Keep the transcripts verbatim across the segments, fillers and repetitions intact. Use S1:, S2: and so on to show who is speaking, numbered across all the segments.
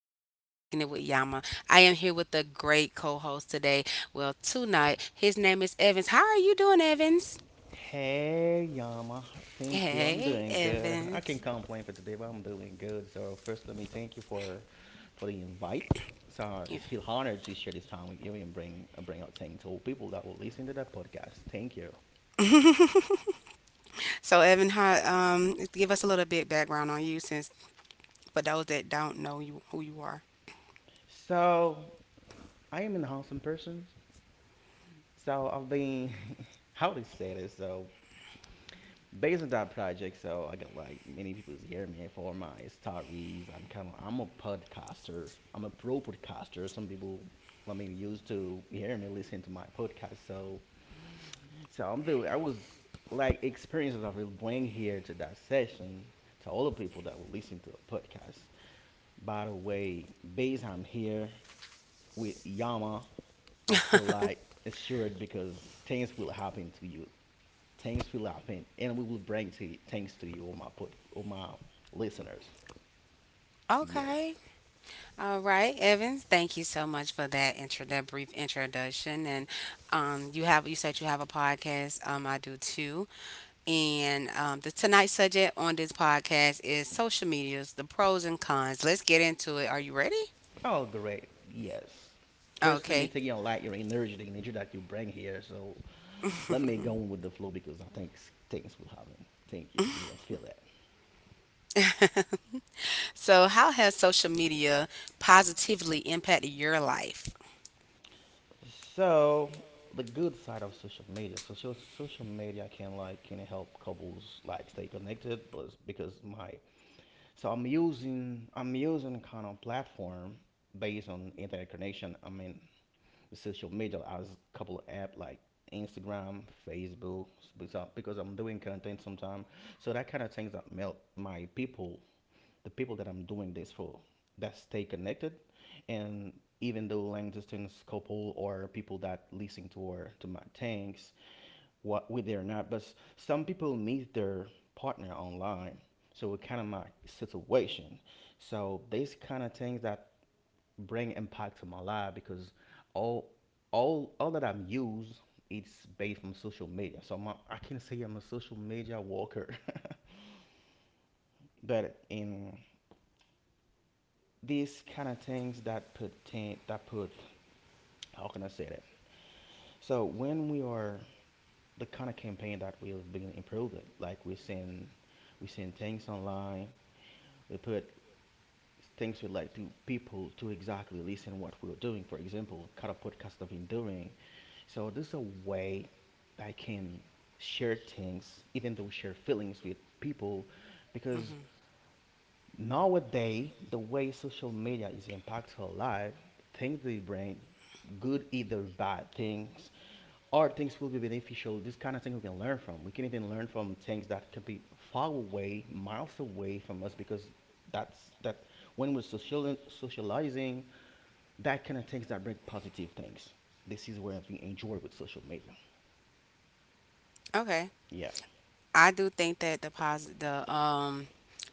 S1: kicking it with Yama, kicking it with Yama. I am here with the great co host today. Well, tonight, his name is Evans. How are you doing, Evans?
S2: Hey, Yama. Thank you. I'm doing
S1: Hey,
S2: good. I can't
S1: Evans.
S2: complain for today, but I'm doing good. So first, let me thank you for for the invite. So I feel
S1: Yeah.
S2: honored to share this time with you and bring bring out things to people that will listen to that podcast. Thank you.
S1: So, Evan, how, um, give us a little bit background on you since for those that don't know you who you are.
S2: So I am an handsome person. So I've been how to say this. So based on that project, so I got like many people hear me for my stories. I'm kind of I'm a podcaster. I'm a pro podcaster. Some people, I mean, used to hear me listen to my podcast. So so I'm the I was like experiences I will bring here to that session to all the people that will listen to the podcast. By the way, based I'm here with Yama, I feel like assured because things will happen to you. Thanks for laughing, and we will bring to you, thanks to you, all my pod, all my listeners. Yes.
S1: Okay. All right, Evans. Thank you so much for that intro, that brief introduction. And um, you have you said you have a podcast. Um, I do too. And um, the Tonight's subject on this podcast is social medias, the pros and cons. Let's get into it. Are you ready?
S2: Oh, great. Yes. First, let me take your
S1: Okay.
S2: light, your energy, the energy that you bring here. So let me go on with the flow because I think things will happen. Thank you. See, I feel it.
S1: So, how has social media positively impacted your life?
S2: So the good side of social media. So, so social media can like can help couples like stay connected, but because my so I'm using I'm using kind of platform based on internet connection. I mean the social media. I was a couple of app like Instagram, Facebook, because- I'm doing content sometimes. So that kind of things that help my people, the people that I'm doing this for, that stay connected, and even though long distance couple or people that listen to our to my things, what we there not, but some people meet their partner online. So it kind of my situation. So these kind of things that bring impact to my life because all all all that I'm used it's based from social media. So I'm a, I can say I'm a social media walker. But in these kind of things that put ten, that put how can I say that? So when we are the kind of campaign that we have been improved, like we send we send things online, we put things we like to people to exactly listen what we're doing. For example, kind of podcast I've been doing. So this is a way I can share things, even though share feelings with people, because nowadays the way social media is impacting our life, things they bring, good either bad things, or things will be beneficial. This kind of thing we can learn from. We can even learn from things that can be far away, miles away from us, because that's that when we're social socializing, that kind of things that bring positive things. This is where I think enjoy with social media.
S1: Okay.
S2: Yeah.
S1: I do think that the positive, the um,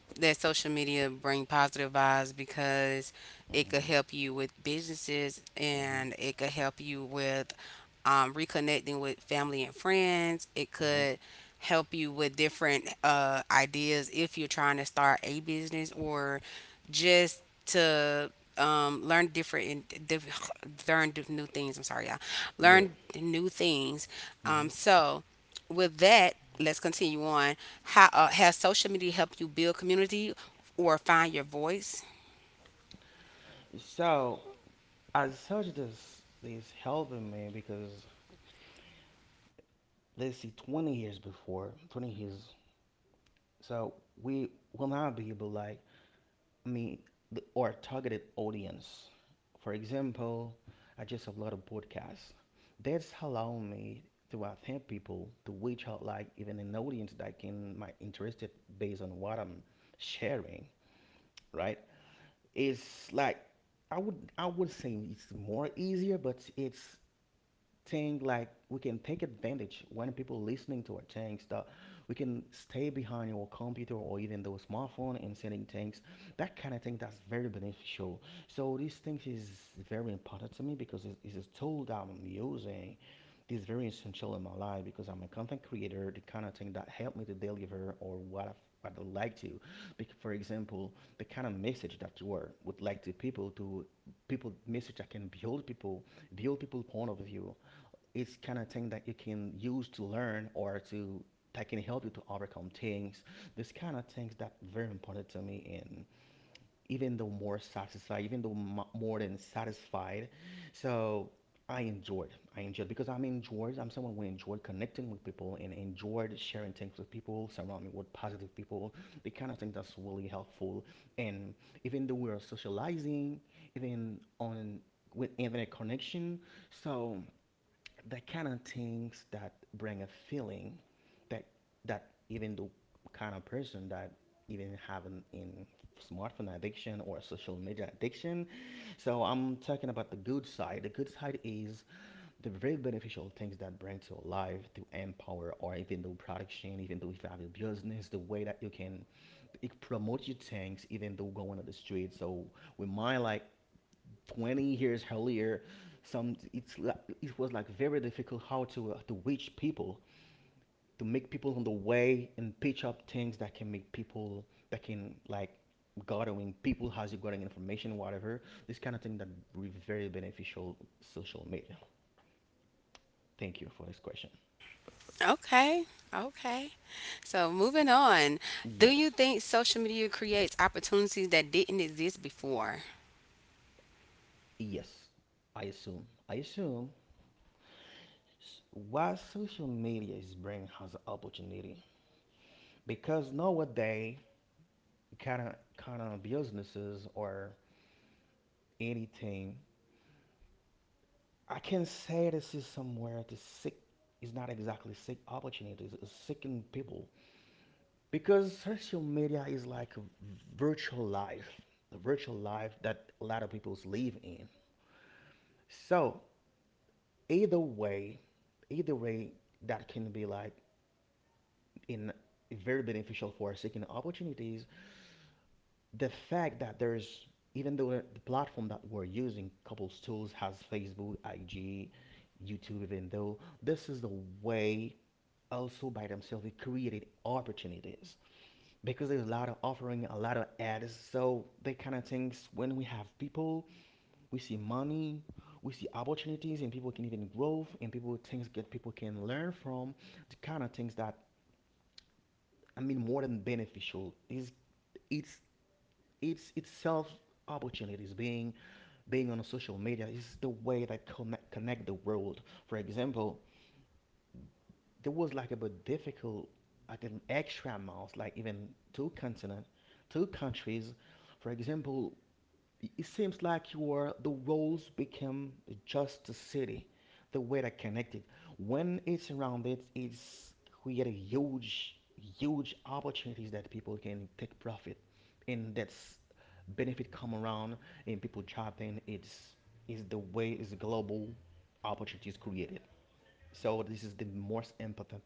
S1: that social media bring positive vibes because
S2: hmm
S1: it could help you with businesses,
S2: hmm
S1: and it could help you with um, reconnecting with family and friends.
S2: hmm
S1: It could help you with different uh, ideas if you're trying to start a business, or just to um, learn different and diff- learn diff- new things. I'm sorry, y'all.
S2: Yeah.
S1: Learn new things.
S2: hmm
S1: Um, so with that, let's continue on. How uh, has social media helped you build community or find your voice?
S2: So I told you this. This helping me because let's see, twenty years before, twenty years. So we will not be able, like, I mean, the, our targeted audience. For example, I just upload a podcast. That's allow me to attempt people to reach out, like, even an audience that can my interested based on what I'm sharing. Right? It's like I would I would say it's more easier, but it's thing like we can take advantage when people listening to our things that we can stay behind your computer or even those smartphone and sending things that kind of thing that's very beneficial. So these things is very important to me because it- it's a tool that I'm using. This is very essential in my life because I'm a content creator. The kind of thing that help me to deliver or what I what I like to, Bec- for example, the kind of message that you are would like to people to people message that can build people, build people point of view, it's kind of thing that you can use to learn or to that can help you to overcome things. This kind of things that very important to me, and even though more satisfied, even though mo- more than satisfied, so I enjoyed. I enjoyed because I'm enjoyed. I'm someone who enjoyed connecting with people and enjoyed sharing things with people, surrounding with positive people. The kind of thing that's really helpful. And even though we're socializing, even on with internet connection, so the kind of things that bring a feeling that that even the kind of person that even having in smartphone addiction or social media addiction. So I'm talking about the good side. The good side is the very beneficial things that bring to your life to empower or even though production, even though if you have your business, the way that you can it promote your things, even though going on the street. So with my like twenty years earlier, some it's li- it was like very difficult how to uh, to reach people to make people on the way and pitch up things that can make people that can like gathering people, how's you gathering information, whatever. This kind of thing that re- very beneficial social media. Thank you for this question.
S1: Okay. Okay. So moving on,
S2: Yes.
S1: do you think social media creates opportunities that didn't exist before?
S2: Yes, i assume i assume. S- why social media is bringing us opportunity? Because nowadays kind of kind of businesses or anything. I can say this is somewhere to seek, is not exactly seek opportunities, it's seeking people. Because social media is like a virtual life, the virtual life that a lot of people live in. So either way, either way, that can be like in very beneficial for seeking opportunities. The fact that there's even though the platform that we're using, couples tools has Facebook, I G, YouTube, even though this is the way also by themselves it created opportunities, because there's a lot of offering a lot of ads. So they kind of things when we have people, we see money, we see opportunities, and people can even grow, and people things get people can learn from. The kind of things that I mean more than beneficial is it's it's itself opportunities. Being being on social media is the way that connect connect the world. For example, there was like a bit difficult, like an extra amount, like even two continent, two countries. For example, it seems like you are the roles become just a city, the way they're connected. When it's around it, it's create huge, huge opportunities that people can take profit, and that's benefit come around and people chopping. It's is the way is global opportunities created. So this is the most important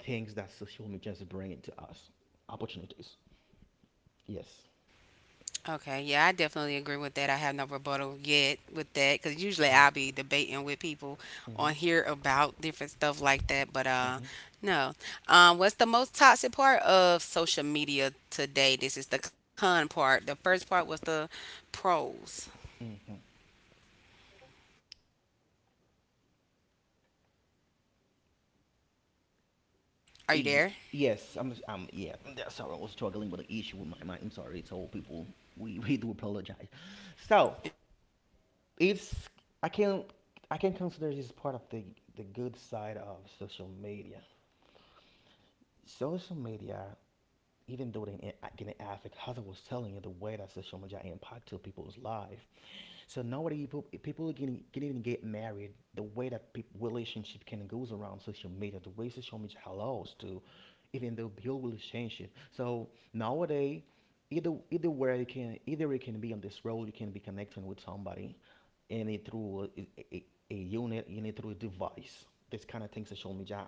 S2: things that social media is bringing to us, opportunities. Yes.
S1: Okay, yeah, I definitely agree with that. I have no rebuttal yet with that because
S2: Mm-hmm.
S1: usually I'll be debating with people
S2: Mm-hmm.
S1: on here about different stuff like that. But
S2: Mm-hmm.
S1: uh, no. Um, what's the most toxic part of social media today? This is the con part. The first part was the pros.
S2: Mm-hmm. Ye-
S1: Are you there?
S2: yes. I'm um yeah, that's, sorry, I was struggling with the issue with my mind. I'm sorry, it's all people. We we do apologize. So it's i can i can consider this part of the the good side of social media. Social media even though they can affect, as I was telling you, the way that social media impact to people's life. So nowadays, people people can, can even get married, the way that peop relationship can goes around social media, the way social media allows to, even though build relationship. So nowadays, either either where you can either you can be on this road, you can be connecting with somebody, and it through a, a, a unit, and it through a device. This kind of thing social media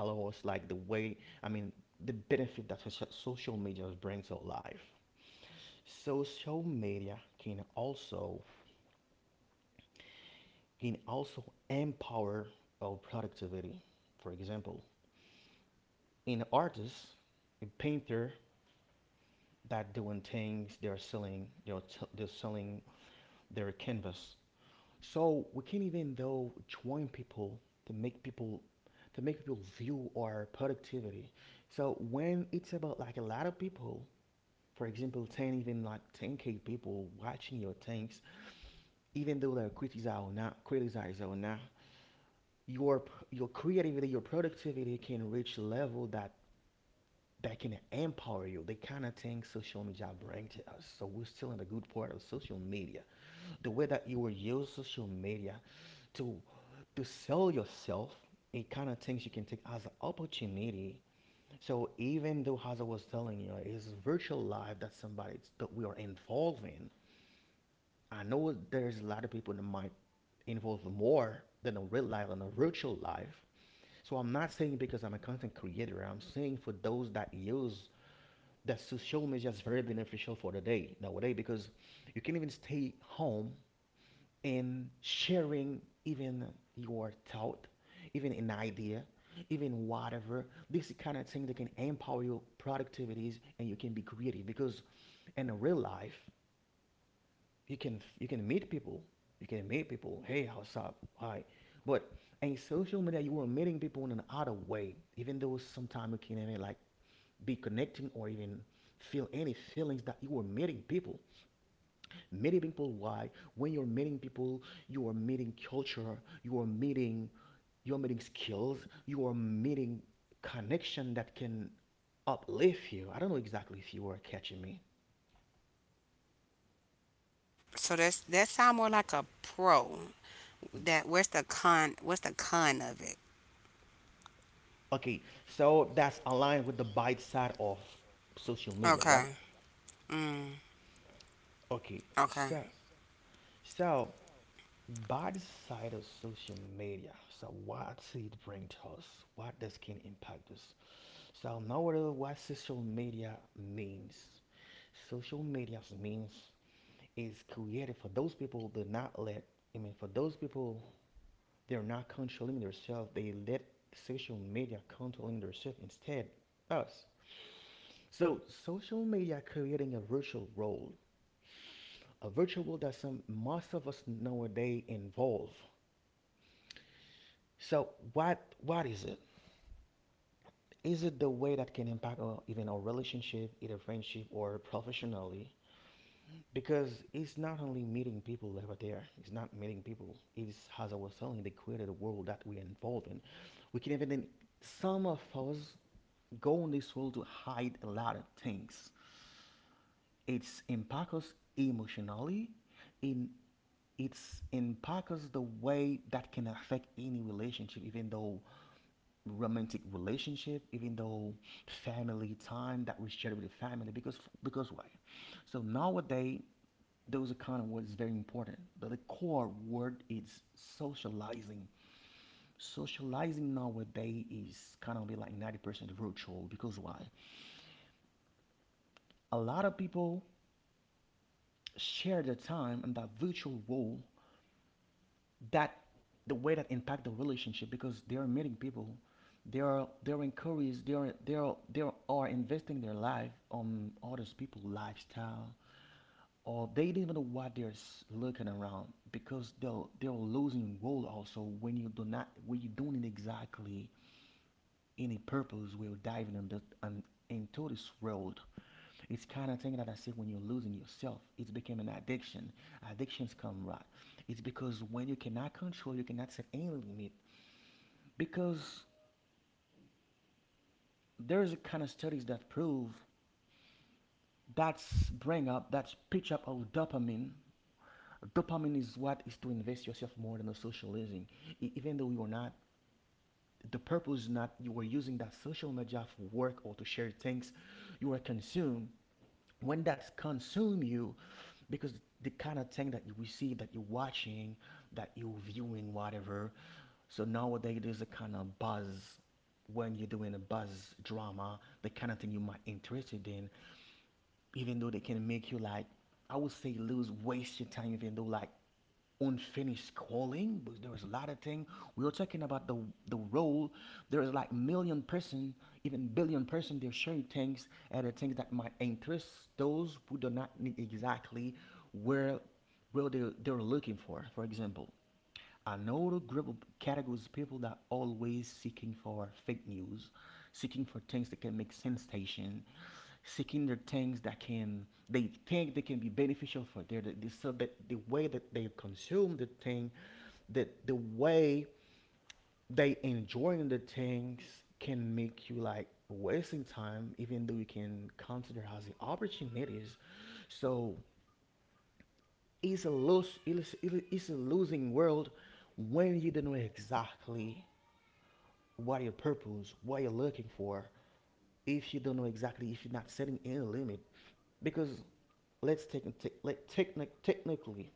S2: allows, like the way I mean, the benefit that socia- social media brings to life. Social media can also can also empower our productivity. For example, an artist, a painter that doing things, they're selling, they're, t- they're selling their canvas. So we can even though join people to make people to make people view our productivity. So when it's about like a lot of people, for example, ten even like ten k people watching your things, even though they're criticize or not, criticize or not, your your creativity, your productivity can reach a level that that can empower you. The kind of thing social media brings to us. So we're still in the good part of social media. The way that you will use social media to to sell yourself, it kind of things you can take as an opportunity. So even though as I was telling you, it's virtual life that somebody that we are involved in. I know there's a lot of people that might involve more than a real life and a virtual life. So I'm not saying because I'm a content creator. I'm saying for those that use that social media is very beneficial for the day nowadays because you can even stay home and sharing even your thought, even an idea, even whatever. This kind of thing that can empower your productivities and you can be creative because in real life you can you can meet people, you can meet people, hey, how's up, hi. But in social media you are meeting people in an other way, even though sometimes you can even like be connecting or even feel any feelings that you are meeting people. Meeting people, why? When you're meeting people you are meeting culture, you are meeting, you're meeting skills, you are meeting connection that can uplift you. I don't know exactly if you are catching me.
S1: So that's, that sound more like a pro. That, where's the con? What's the con of it?
S2: Okay, so that's aligned with the bad side of social media, right?
S1: Okay. Mm,
S2: Okay, so
S1: okay.
S2: so bad side of social media. So what's it bring to us? What does can impact us? So now what what social media means. Social media means is created for those people that not let, I mean for those people they're not controlling themselves, they let social media controlling themselves instead us. So, social media creating a virtual world, a virtual role that some most of us nowadays involve. So, what what is it? Is it the way that can impact our, even our relationship, either friendship or professionally? Because it's not only meeting people over there. It's not meeting people. It's as I was telling, they created a world that we're involved in. We can even then some of us go on this world to hide a lot of things. It's impact us emotionally, in, it's in Parker's the way that can affect any relationship, even though romantic relationship, even though family time that we share with the family. Because because why? So nowadays those are kind of words very important. But the core word is socializing. Socializing nowadays is kind of be like ninety percent virtual because why? A lot of people share their time in that virtual world that the way that impact the relationship because they are meeting people, they are, they're encouraged, they are they are they are investing their life on others people lifestyle, or they don't even know what they're s- looking around because they're they're losing role also when you do not, when you don't exactly any purpose will diving in the um, into this world. It's kind of thing that I say, when you're losing yourself it's became an addiction. Addictions come, right? It's because when you cannot control you cannot set any limit because there's a kind of studies that prove, that's bring up, that's pitch up of dopamine. Dopamine is what is to invest yourself more than the socializing. E- even though you're not, the purpose is not you are using that social media for work or to share things, you are consumed. When that's consume you, because the kind of thing that you receive, that you're watching, that you're viewing whatever. So nowadays there's a kind of buzz. When you're doing a buzz drama, the kind of thing you might interested in, even though they can make you like, I would say, lose, waste your time, even though like unfinished calling, but there was a lot of thing. We were talking about the the role. There is like million person, even billion person, they're sharing things and the things that might interest those who do not need exactly where where they, they're looking for. For example, another group of categories of people that always seeking for fake news, seeking for things that can make sensation, seeking their things that can they think they can be beneficial for their the, so that the way that they consume the thing, that the way they enjoying the things can make you like wasting time, even though you can consider as the opportunities. So it's a lose, it's, it's a losing world when you don't know exactly what your purpose, what you're looking for. If you don't know exactly, if you're not setting any limit. Because let's take te- let technic technically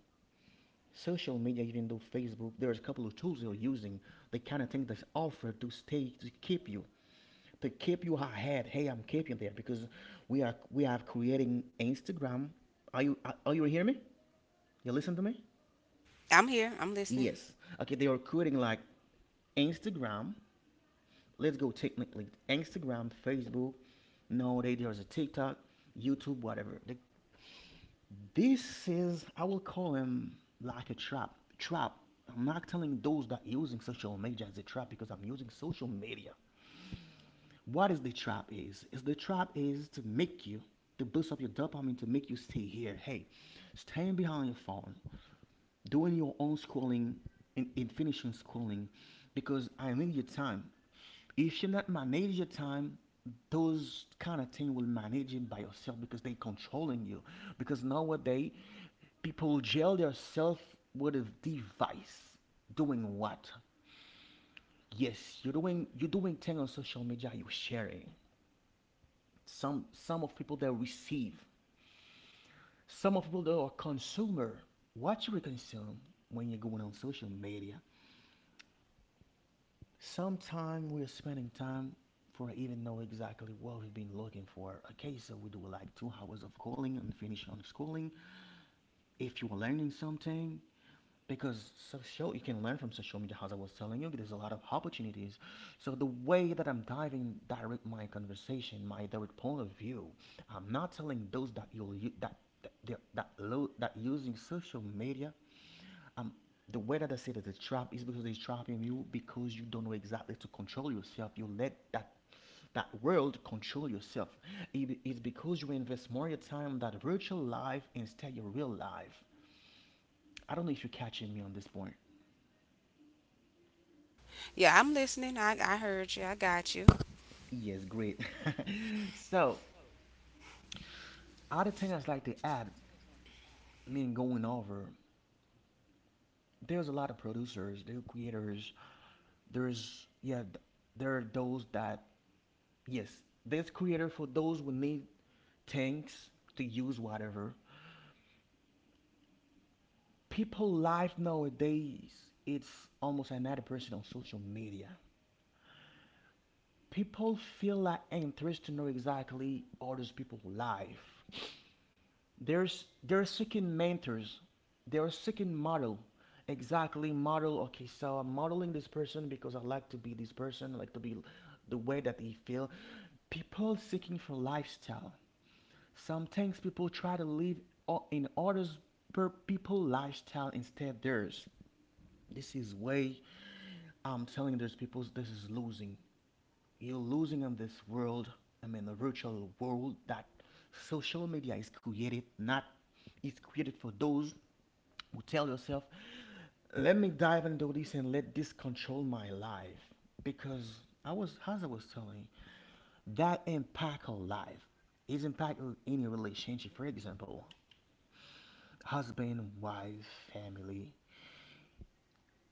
S2: social media, even though Facebook, there's a couple of tools you're using, the kind of thing that's offered to stay to keep you, to keep you ahead. Hey, I'm keeping there because we are we are creating Instagram. Are you are, are you hearing me? You listen to me?
S1: I'm here. I'm
S2: Yes.
S1: listening.
S2: Okay, they are creating like Instagram. Let's go technically Instagram, Facebook. No, they there's a TikTok, YouTube, whatever they. This is, I will call him like a trap. Trap. I'm not telling those that using social media as a trap because I'm using social media. What is the trap is? Is the trap is to make you to boost up your dopamine to make you stay here. Hey, staying behind your phone, doing your own scrolling, and, and finishing scrolling because I need your time. If you're not managing your time, those kind of thing will manage it by yourself because they are controlling you. Because nowadays, people jail themselves with a device. Doing what? Yes, you're doing you're doing thing on social media. You're sharing. Some some of people that receive. Some of people that are consumer. What you consume when you're going on social media. Sometimes we're spending time for even know exactly what we've been looking for. Okay, so we do like two hours of calling and finish on schooling. If you are learning something, because social you can learn from social media as I was telling you, there's a lot of opportunities. So the way that I'm diving direct my conversation, my direct point of view, I'm not telling those that you'll u- that that that, that using social media, um, the way that I say that the trap is because they're trapping you because you don't know exactly to control yourself. You let that that world control yourself. It- it's because you invest more of your time on that virtual life instead your real life. I don't know if you're catching me on this point.
S1: Yeah, I'm listening. I I heard you. I got you.
S2: Yes, great. So other thing I'd like to add, me going over, there's a lot of producers, there are creators, there's, yeah, there are those that, yes, there's creator for those who need tanks to use whatever. People life nowadays it's almost another person on social media. People feel like interested to know exactly others people's life. There's they're seeking mentors, they're seeking model, exactly model. Okay, so I'm modeling this person because I like to be this person. I like to be the way that they feel. People seeking for lifestyle. Sometimes people try to live o- in others per people lifestyle instead theirs. This is way I'm telling you, there's people, this is losing. You're losing in this world, I mean, the virtual world that social media is created, not, it's created for those who tell yourself, let me dive into this and let this control my life. Because I was, as I was telling you, that impact our life. It's impact on any relationship, for example, husband, wife, family.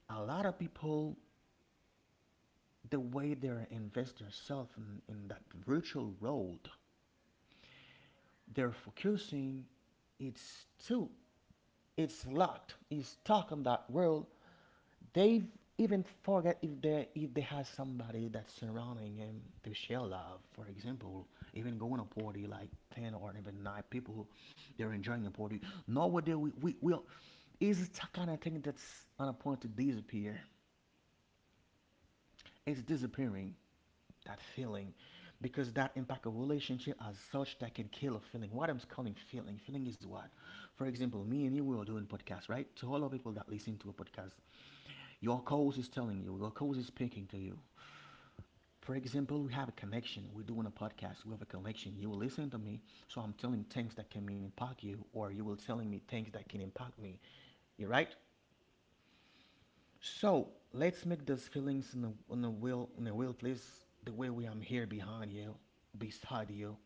S2: A lot of people, the way they're investing themselves in, in that virtual world, they're focusing, it's too, it's locked, it's stuck on that world. They've even forget if they if they have somebody that's surrounding him to share love, for example, even going to a party like ten or even nine people, they're enjoying a party. Nowadays we we will is kind of thing that's on a point to disappear. It's disappearing that feeling because that impact a relationship as such that can kill a feeling. What I'm calling feeling, feeling is what? For example, me and you we are doing podcast, right? To all the people that listen to a podcast, your cause is telling you, your cause is speaking to you. For example, we have a connection. We're doing a podcast. We have a connection. You will listen to me, so I'm telling things that can impact you, or you will telling me things that can impact me. You right? So let's make those feelings in a, in a will, in a will place, the way we am here behind you, beside you,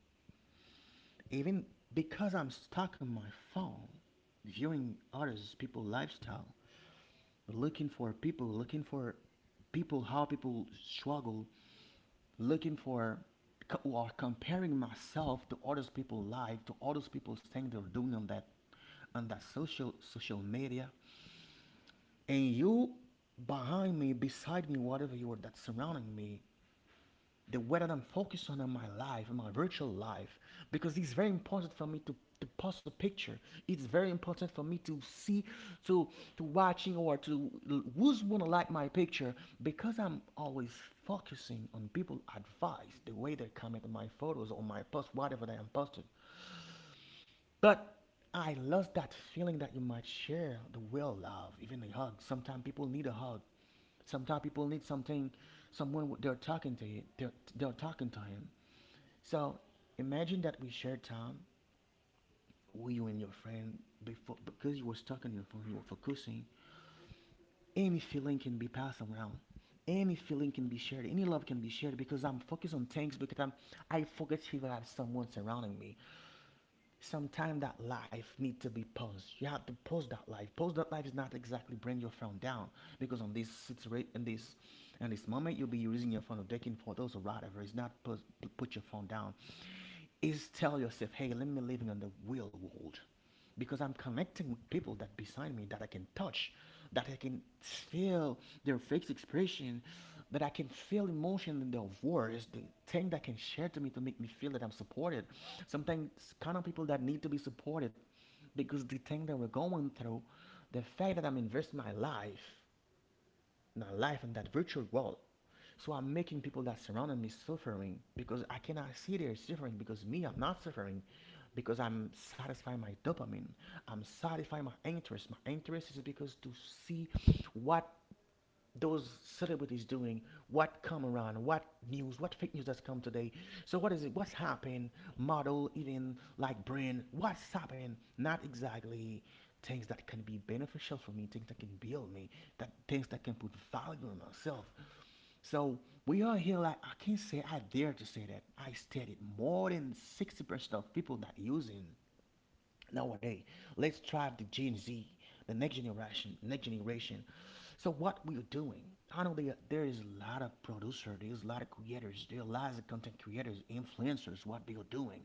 S2: even because I'm stuck on my phone, viewing others people lifestyle, looking for people, looking for people, how people struggle, looking for co- or comparing myself to others people life, to others people things they're doing on that on that social social media, and you behind me, beside me, whatever you are that's surrounding me, the way that I'm focused on in my life, in my virtual life, because it's very important for me to, to post a picture. It's very important for me to see, to to watching or to who's gonna like my picture because I'm always focusing on people' advice, the way they comment on my photos or my post, whatever that I'm posted. But I lost that feeling that you might share the real love, even a hug. Sometimes people need a hug. Sometimes people need something, someone they're talking to you, they're, they're talking to him. So imagine that we shared time with you and your friend before because you were stuck on your phone, you were focusing. Any feeling can be passed around. Any feeling can be shared. Any love can be shared because I'm focused on things because I'm I forget if I have someone surrounding me. Sometimes that life needs to be paused. You have to pause that life. Pause that life is not exactly bring your phone down because on this situation in this in this moment you'll be using your phone or taking photos or whatever. It's not put, put your phone down. Is tell yourself, hey, let me living on the real world because I'm connecting with people that beside me that I can touch, that I can feel their face expression, that I can feel emotion in their voice, the thing that can share to me to make me feel that I'm supported. Sometimes kind of people that need to be supported because the thing that we're going through, the fact that I'm investing my life, my life in that virtual world, so I'm making people that surrounded me suffering because I cannot see they're suffering because me, I'm not suffering because I'm satisfying my dopamine. I'm satisfying my interest. My interest is because to see what those celebrities doing, what come around, what news, what fake news that's come today. So what is it? What's happened? Model, even like brand, what's happened? Not exactly things that can be beneficial for me, things that can build me, that things that can put value on myself. So we are here like I can't say I dare to say that I studied more than sixty percent of people that using nowadays. Let's try the Gen Z, the next generation, next generation. So what we're doing, I know there, there is a lot of producers, there's a lot of creators, there are lots of content creators, influencers, what they're doing,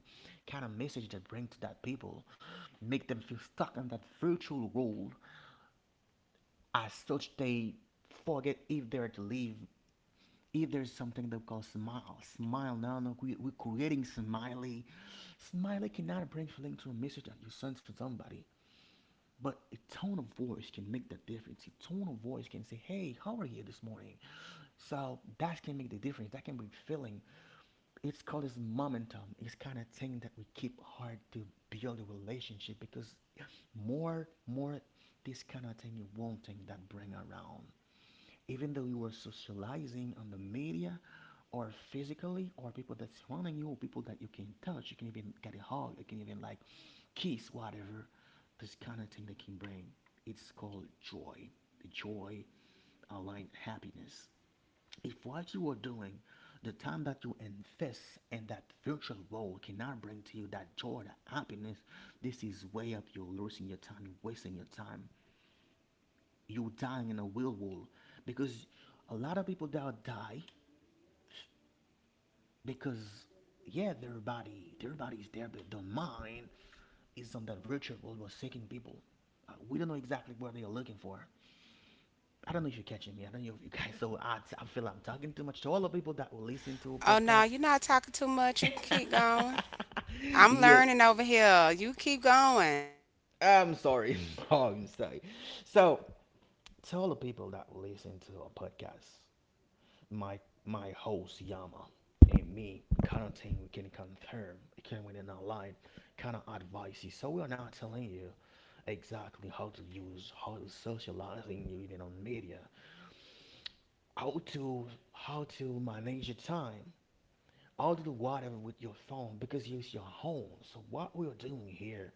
S2: kind of message they bring to that people, make them feel stuck in that virtual world as such they forget if they're to live if there's something that we call smile, smile. No, no, we, we're creating smiley. Smiley cannot bring feeling to a message that you send to somebody, but a tone of voice can make that difference. A tone of voice can say, "Hey, how are you this morning?" So that can make the difference. That can bring feeling. It's called this momentum. It's kind of thing that we keep hard to build a relationship because more, more, this kind of thing you won't think that bring around even though you were socializing on the media or physically or people that's surrounding you, people that you can touch, you can even get a hug, you can even like kiss whatever, this kind of thing they can bring, it's called joy, the joy aligned happiness. If what you are doing, the time that you invest in that virtual world cannot bring to you that joy, that happiness, this is way up you're losing your time, you're wasting your time, you dying in a real world because a lot of people that die because yeah their body, their body is there but the mind is on that virtual world was seeking people. Uh, we don't know exactly what they are looking for. I don't know if you're catching me, I don't know if you guys, so i, I feel like I'm talking too much to all the people that will listen to a
S1: Oh
S2: podcast.
S1: no, you're not talking too much. You can keep going. I'm
S2: Yeah,
S1: learning over here. You keep going.
S2: I'm sorry. Oh, I'm sorry. So, to all the people that will listen to a podcast, my my host Yama and me, kind of thing we can confirm, can we not line kind of advices. So we are not telling you exactly how to use, how to socializing you even on media, how to how to manage your time, how to do whatever with your phone because it's your home. So what we are doing here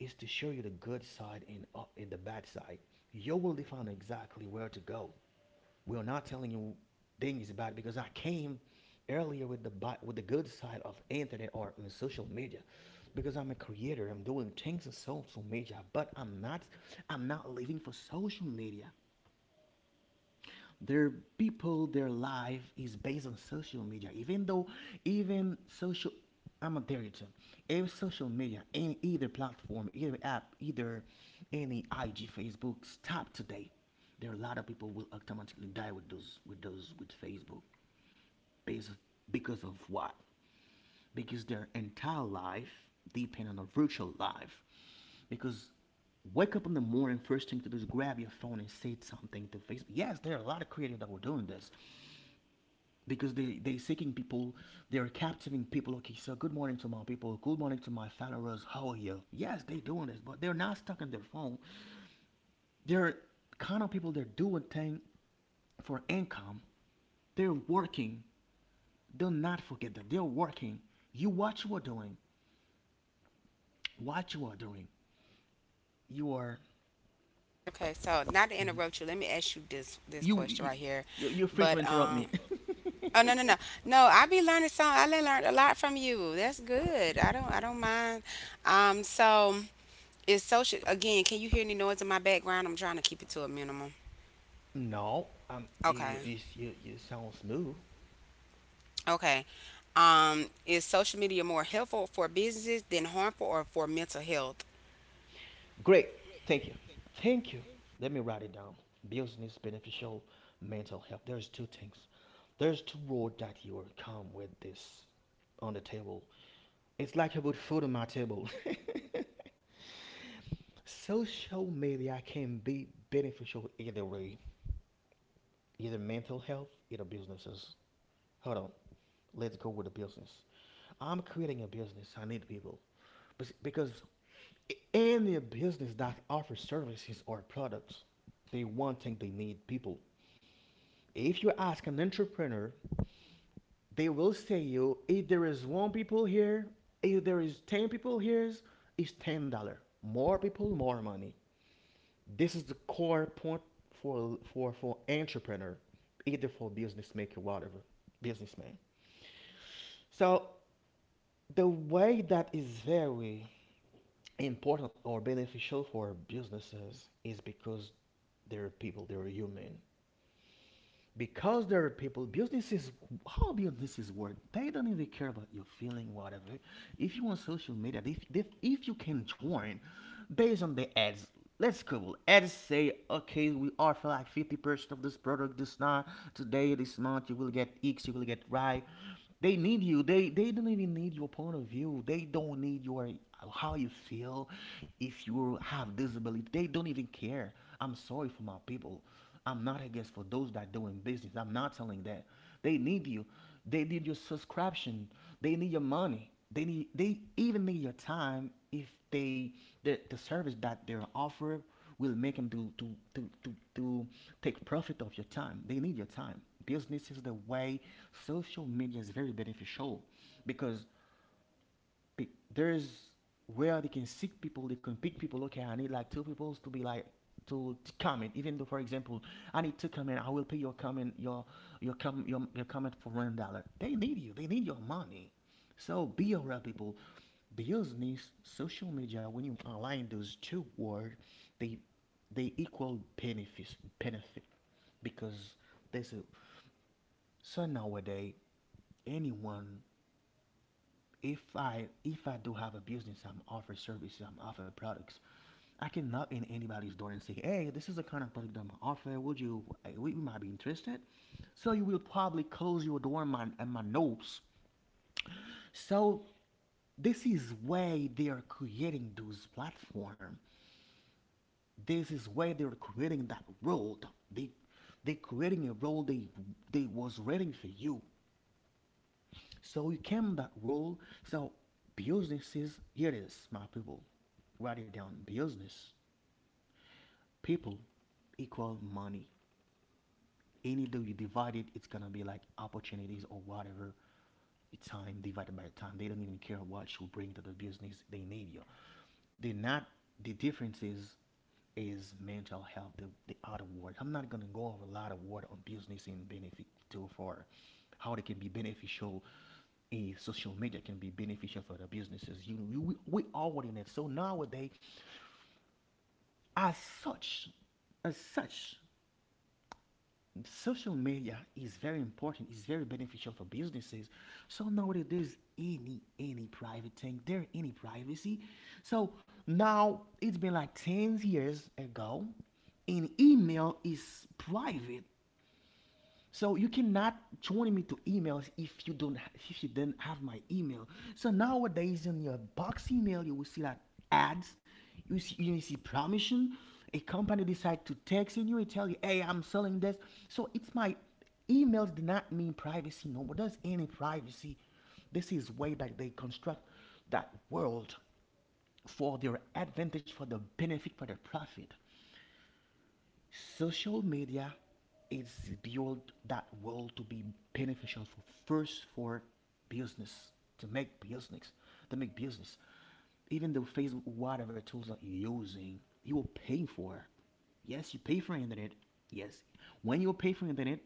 S2: is to show you the good side and uh, in the bad side you will define exactly where to go. We're not telling you things about it because I came earlier with the with the good side of internet or in social media because I'm a creator, I'm doing things on social media, but I'm not, I'm not living for social media. Their people, their life is based on social media even though, even social, I'm a director. Every social media, any either platform, either app, either any IG, Facebook, stop today, there are a lot of people will automatically die with those, with those with Facebook based because of what? Because their entire life depend on a virtual life because wake up in the morning first thing to do is grab your phone and say something to Facebook. Yes, there are a lot of creators that were doing this because they they seeking people, they are capturing people. Okay, so good morning to my people, good morning to my followers, how are you. Yes, they doing this but they're not stuck in their phone. They're kind of people they're doing thing for income, they're working. Do not forget that they're working. You, what you are doing, what you are doing, you are,
S1: Okay, so not to
S2: mhm.
S1: interrupt you, let me ask you this
S2: you,
S1: this
S2: you
S1: question right here.
S2: you- you're free to
S1: But
S2: interrupt me.
S1: um, oh no no no. No, I be learning some. I done learned a lot from you. That's good. I don't I don't mind. Um, so is social, again, can you hear any noise in my background? I'm trying to keep it to a minimum.
S2: No, um you you,
S1: Okay.
S2: you, you sound smooth.
S1: Okay. Um, is social media more helpful for businesses than harmful, or for mental health?
S2: Great. Thank you. Thank you. Let me write it down. Business beneficial mental health. There's two things. There's two road that you will come with this on the table. It's like I put food on my table. Social media can be beneficial either way. Either mental health, either businesses. Hold on. Let's go with the business. I'm creating a business. I need people. Because any business that offers services or products, they one thing they need people. If you ask an entrepreneur, they will say you if there is one people here, if there is ten people here, it's ten dollar. More people, more money. This is the core point for for for entrepreneur, either for business maker, whatever, businessman. So the way that is very important or beneficial for businesses is because they're people, they're human. Because there are people, business is how businesses work. They don't even care about your feeling whatever. If you want social media, if, if, if you can join based on the ads, let's go. And say, okay, we offer like fifty percent of this product this now, today, this month, you will get X, you will get Y. They need you. They they don't even need your point of view. They don't need your, how you feel if you have disability. They don't even care. I'm sorry for my people. I'm not against for those that doing business. I'm not telling that. They need you. They need your subscription. They need your money. They need, they even need your time if if they the, the service that they're offered will make them to, to to to to take profit of your time. They need your time. Business is the way social media is very beneficial because pe- there's where they can seek people, they can pick people. Okay, I need like two people to be like to, to comment even though, for example, I need two comment, I will pay your comment your your com your, your comment for one dollar. They need you, they need your money. So be aware people, business, social media, when you align those two words, they they equal benefits benefit. Because there's a, so nowadays anyone, if I if I do have a business, I'm offer services, I'm offer products. I can knock in anybody's door and say, "Hey, this is the kind of product I'm offering. Would you? uh, We we might be interested." So you will probably close your door and my, and my nose. So this is why they are creating those platform. This is where they're creating that role. They they're creating a role they they was writing for you. So you came that role. So businesses, here it is, my people. Write it down. Business people equal money. Any though you divide it, it's gonna be like opportunities or whatever. Your time divided by the time. They don't even care what you bring to the business. They need you. They're not, the difference is is mental health, the, the other word. I'm not gonna go over a lot of word on business and benefit too far. How it can be beneficial, eh, social media can be beneficial for the businesses. You know, we, we already in it. So nowadays, as such, as such, social media is very important, it's very beneficial for businesses. So nowadays there's any any private thing there, any privacy. So now it's been like ten years ago an email is private. So you cannot join me to emails if you don't, if you did not have my email. So nowadays in your box email you will see that ads, you see you see promotion, a company decide to text you and tell you, hey, I'm selling this. So it's my emails do not mean privacy no more. There's any privacy. This is way that they construct that world for their advantage, for the benefit, for their profit. Social media is built that world to be beneficial for first for business to make business to make business. Even though Facebook, whatever tools that you're using, you will pay for. Yes, you pay for internet. Yes, when you pay for internet,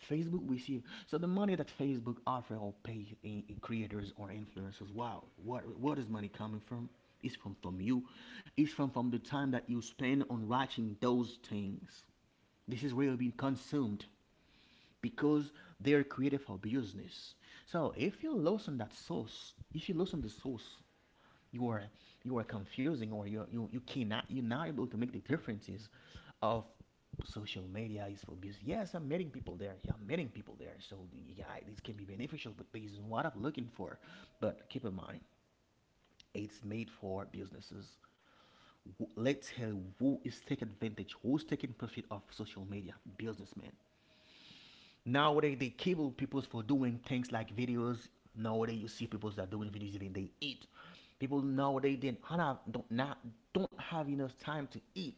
S2: Facebook will see you. So the money that Facebook offer or pay in, in creators or influencers. Wow, what what is money coming from? It's from from you. It's from from the time that you spend on watching those things. This is really being consumed because they're created for business. So if you loosen that source, if you loosen the source, you are you are confusing or you you you cannot you're not able to make the differences of social media is for business. Yes, I'm meeting people there. Yeah, I'm meeting people there. So yeah, this can be beneficial, but based on what I'm looking for. But keep in mind, it's made for businesses. Let's tell who is taking advantage, who's taking profit of social media, businessmen. Nowadays they cable people for doing things like videos. Nowadays you see people that are doing videos and they eat. People nowadays they don't have, don't not do not not do not have enough time to eat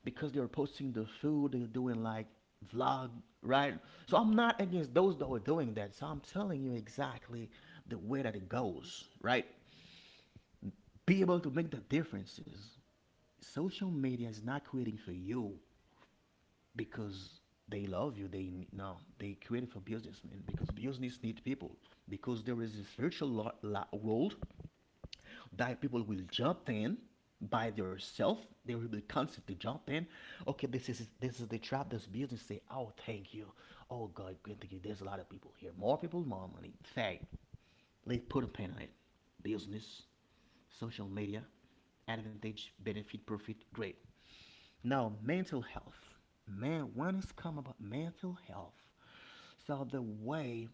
S2: because they're posting the food they're doing like vlog, right? So I'm not against those that are doing that, so I'm telling you exactly the way that it goes, right? Be able to make the differences. Social media is not creating for you because they love you. They no, they created for businessmen because business need people. Because there is a spiritual lo- lo- world that people will jump in by themselves. They will be constantly jump in. Okay, this is this is the trap. This business say, oh, thank you. Oh God, good thank you. There's a lot of people here. More people, more money. Fact. Let's put a pen on it. Business, social media, advantage, benefit, profit. Great. Now, mental health. Man, when it's come about mental health. So the way,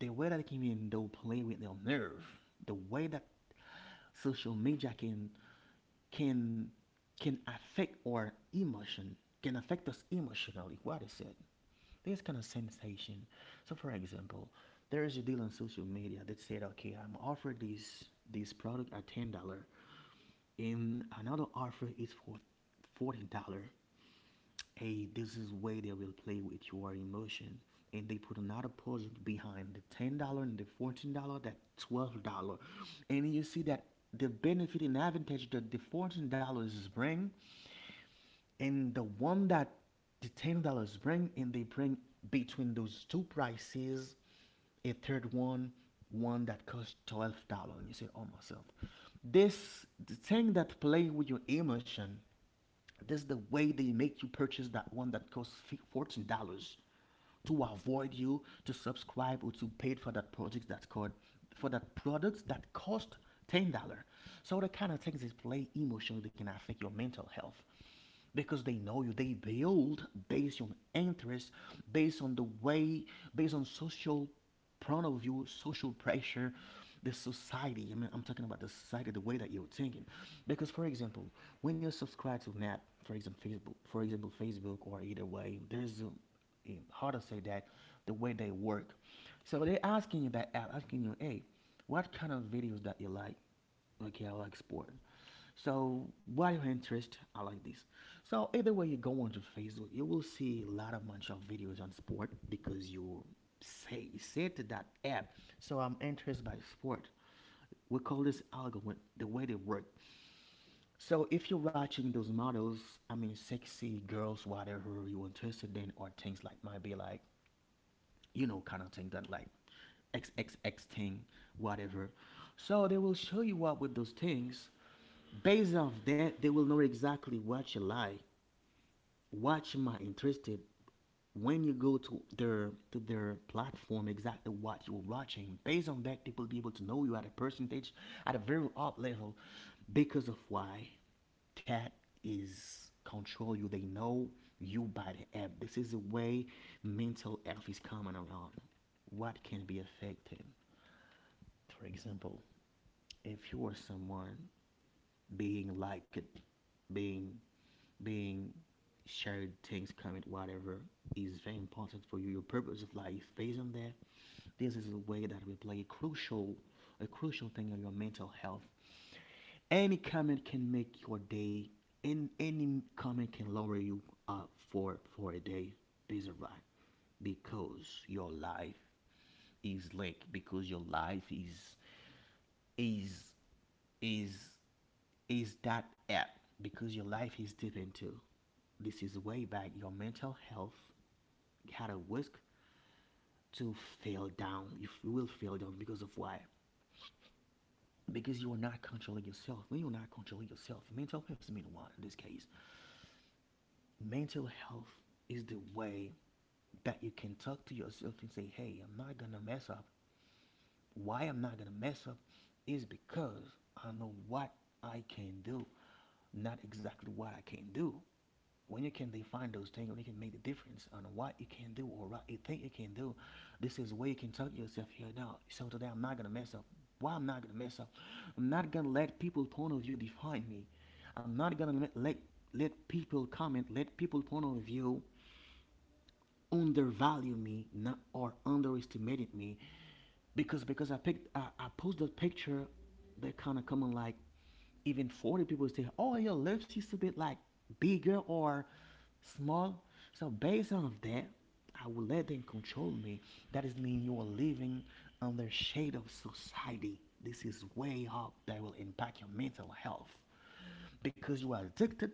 S2: the way that it can even though play with their nerve, the way that social media can can can affect our emotion, can affect us emotionally. What is it? This kind of sensation. So for example, there is a deal on social media that said, okay, I'm offered this this product at ten dollar, and another offer is for fourteen dollar. Hey, this is where they will play with your emotion. And they put another project behind the ten dollar and the fourteen dollar, that twelve dollar, and you see that the benefit and advantage that the fourteen dollars bring, and the one that the ten dollars bring, and they bring between those two prices a third one, one that costs twelve dollar, and you say, oh myself, this the thing that play with your emotion. This is the way they make you purchase that one that costs fourteen dollars to avoid you to subscribe or to pay for that product that's called for that product that cost ten dollar. So the kind of things is play emotionally, they can affect your mental health because they know you, they build based on interest, based on the way, based on social point of view, social pressure, the society. I mean, I'm talking about the society, the way that you're thinking. Because for example, when you subscribe to an app, for example Facebook, for example Facebook or either way there's a, eh, how to say that, the way they work. So they're asking you, that app asking you, hey, what kind of videos that you like? Okay, I like sport. So, what your interest? I like this. So, either way you go onto Facebook, you will see a lot of bunch of videos on sport because you say said to that app. So, I'm interested by sport. We call this algorithm the way they work. So, if you're watching those models, I mean, sexy girls, whatever you're interested in, or things like might be like, you know, kind of thing that like triple X thing, whatever. So they will show you what with those things. Based off that, they will know exactly what you like, what you might interested. When you go to their to their platform, exactly what you're watching based on that, they will be able to know you at a percentage, at a very up level. Because of why? That is control you, they know you by the app. This is the way mental health is coming around. What can be affected? For example, if you are someone being liked, being being shared things comment, whatever is very important for you, your purpose of life based on that, this is a way that will play a crucial a crucial thing on your mental health. Any comment can make your day and any comment can lower you up for for a day based on that, because your life is linked, because your life is is is is that app, because your life is deep into, this is way back your mental health had a risk to fail down. You will fail down because of why? Because you are not controlling yourself. When you're not controlling yourself, mental health is the main one in this case. Mental health is the way that you can talk to yourself and say, hey, I'm not gonna mess up. Why I'm not gonna mess up is because I know what I can do, not exactly what I can do. When you can define those things, when you can make the difference on what you can do or what you think you can do, this is where you can talk to yourself here now. So today I'm not gonna mess up. Why I'm not gonna mess up? I'm not gonna let people's point of view define me. I'm not gonna let let, people comment, let people's point of view undervalue me not or underestimated me because because I, picked I, I posted a picture that kind of coming like even forty people say, oh, your lips used to be like bigger or small. So based on that, I will let them control me. That is mean you are living under shade of society. This is way up that will impact your mental health because you are addicted,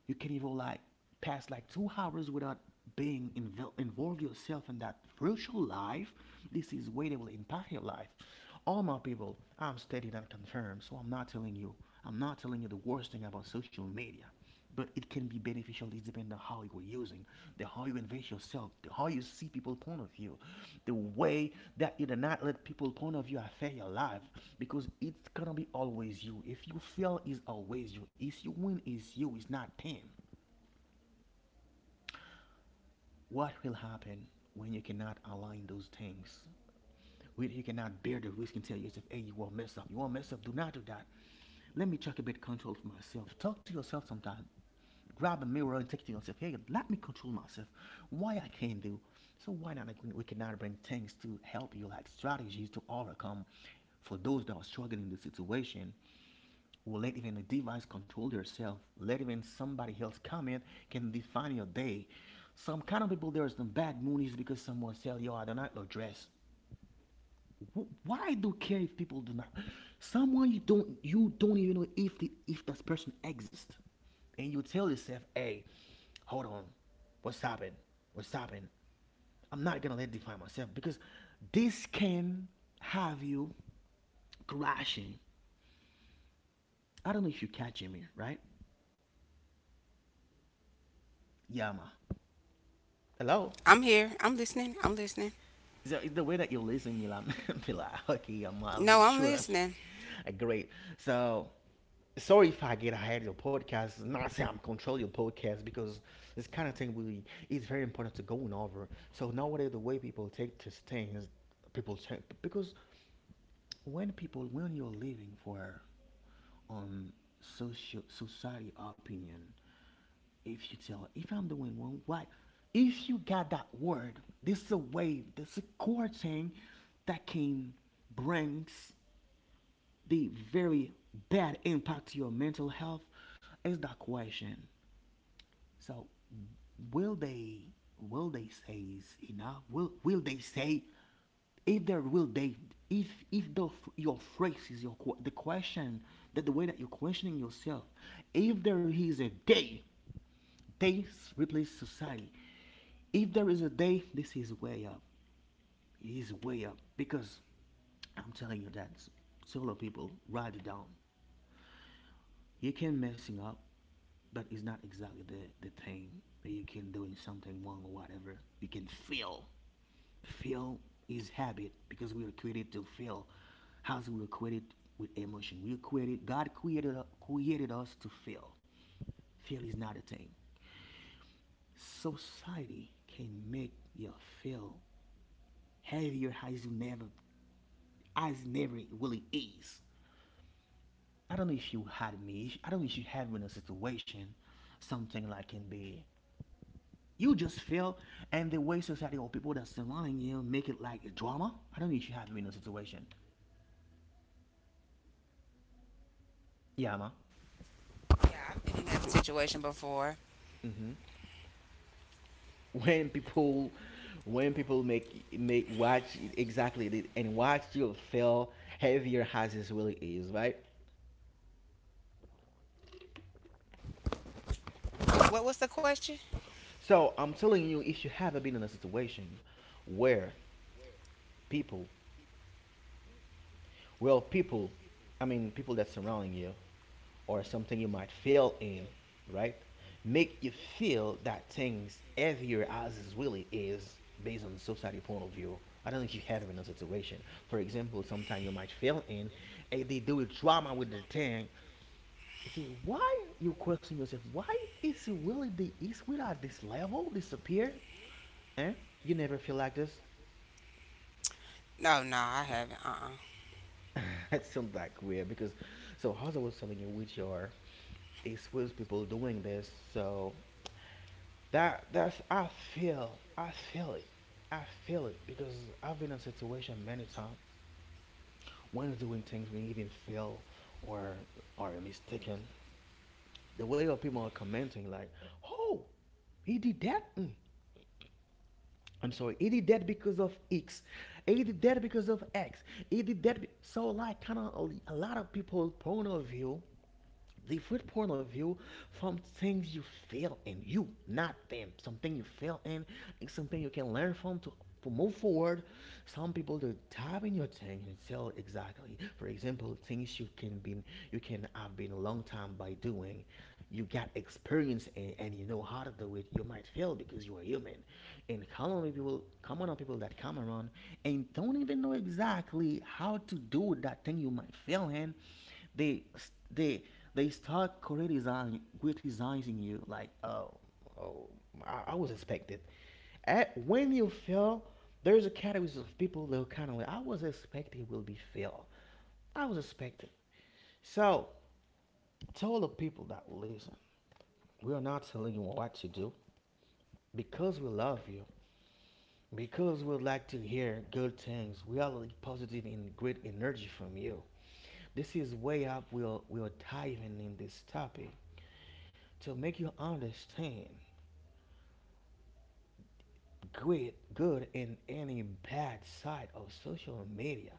S2: you can even like pass like two hours without being invol- involved yourself in that virtual life. This is way that will impact your life. All my people, I'm steady and confirmed, so I'm not telling you. I'm not telling you the worst thing about social media, but it can be beneficial is depending on how you are using, the how you invest yourself, the how you see people's point of view, the way that you do not let people's point of view affect your life because it's gonna be always you. If you fail is always you, if you win is you, it's not them. What will happen when you cannot align those things, when you cannot bear the risk and tell yourself, hey, you will mess up, you will mess up, do not do that. Let me check a bit control for myself. Talk to yourself sometime. Grab a mirror and take it to yourself. Hey, let me control myself. Why I can't do? So why not? Like, we cannot bring things to help you, like strategies to overcome. For those that are struggling in the situation, will let even a device control yourself. Let even somebody else comment can define your day. Some kind of people there is some bad moonies because someone sell you I do not like dress. Why do you care if people do not? Someone you don't, you don't even know if the if that person exists, and you tell yourself, "Hey, hold on, what's happening? What's happening? I'm not gonna let it define myself because this can have you crashing." I don't know if you catching me, right? Yeah, ma. Hello.
S1: I'm here. I'm listening. I'm listening.
S2: Is the, is the way that you're listening, Mila? Mila. Okay, yeah, ma. I'll make
S1: No,
S2: sure.
S1: I'm listening.
S2: Great. So sorry if I get ahead of your podcast. Not saying I'm controlling your podcast because this kind of thing really is very important to going over. So nowadays, the way people take these things, people take because when people when you're living for um social society opinion, if you tell if I'm doing one right, if you got that word, this is a way, this is a core thing that can brings the very bad impact to your mental health is that question. So will they will they say is enough? Will will they say? If there will they if if the, your phrase is your que- The question, that the way that you're questioning yourself, if there is a day, days replace society. If there is a day, this is way up. It is way up because I'm telling you that solo people write it down. You can messing up, but it's not exactly the the thing that you can doing something wrong or whatever. You can feel. Feel is habit because we were created to feel. As we were created with emotion, we were created. God created created us to feel. Feel is not a thing. Society can make you feel heavier as you never, as never it really is. I don't know if you had me. I don't know if you had me in a situation, something like can be. You just feel, and the way society or people that surrounding you make it like a drama. I don't know if you have me in a situation. Yeah, ma.
S1: Yeah, I've been in that situation before.
S2: Mm-hmm. When people, when people make make watch exactly the- and watch you feel heavier as it really is, right?
S1: What was the question?
S2: So I'm telling you, if you have not been in a situation where people, well people i mean people that's surrounding you, or something you might feel in, right, make you feel that things heavier as it really is based on society point of view, I don't think you have been in a situation. For example, sometimes you might feel in, and they do a drama with the thing. See, why you question yourself? Why is Willie the is Willie at this level disappear? Eh? You never feel like this.
S1: No, no, I haven't. Uh uh.
S2: It sounds like weird because, so as I was telling you, which are is Will's people doing this. So that that's I feel, I feel it. I feel it because I've been in a situation many times when doing things we even feel, or are mistaken. The way of people are commenting like, "Oh, he did that. Mm, I'm sorry, he did that because of X. He did that because of X. He did that." So, like, kind of a lot of people' point of view, the different point of view, from things you fail in, you not them, something you fail in and something you can learn from to, to move forward. Some people they dive in your thing and tell exactly, for example, things you can be, you can have been a long time by doing, you got experience, and, and you know how to do it, you might fail because you are human. And common people common people that come around and don't even know exactly how to do that thing you might fail in, they they they start criticizing criticizing you like, oh oh I, I was expected." At, when you fail, there's a category of people that are kind of like, "I was expecting will be fail. I was expected." So tell the people that listen, we are not telling you what to do because we love you. Because we like to hear good things, we are like positive and great energy from you. This is way up. We are we are diving in this topic to make you understand good good and any bad side of social media.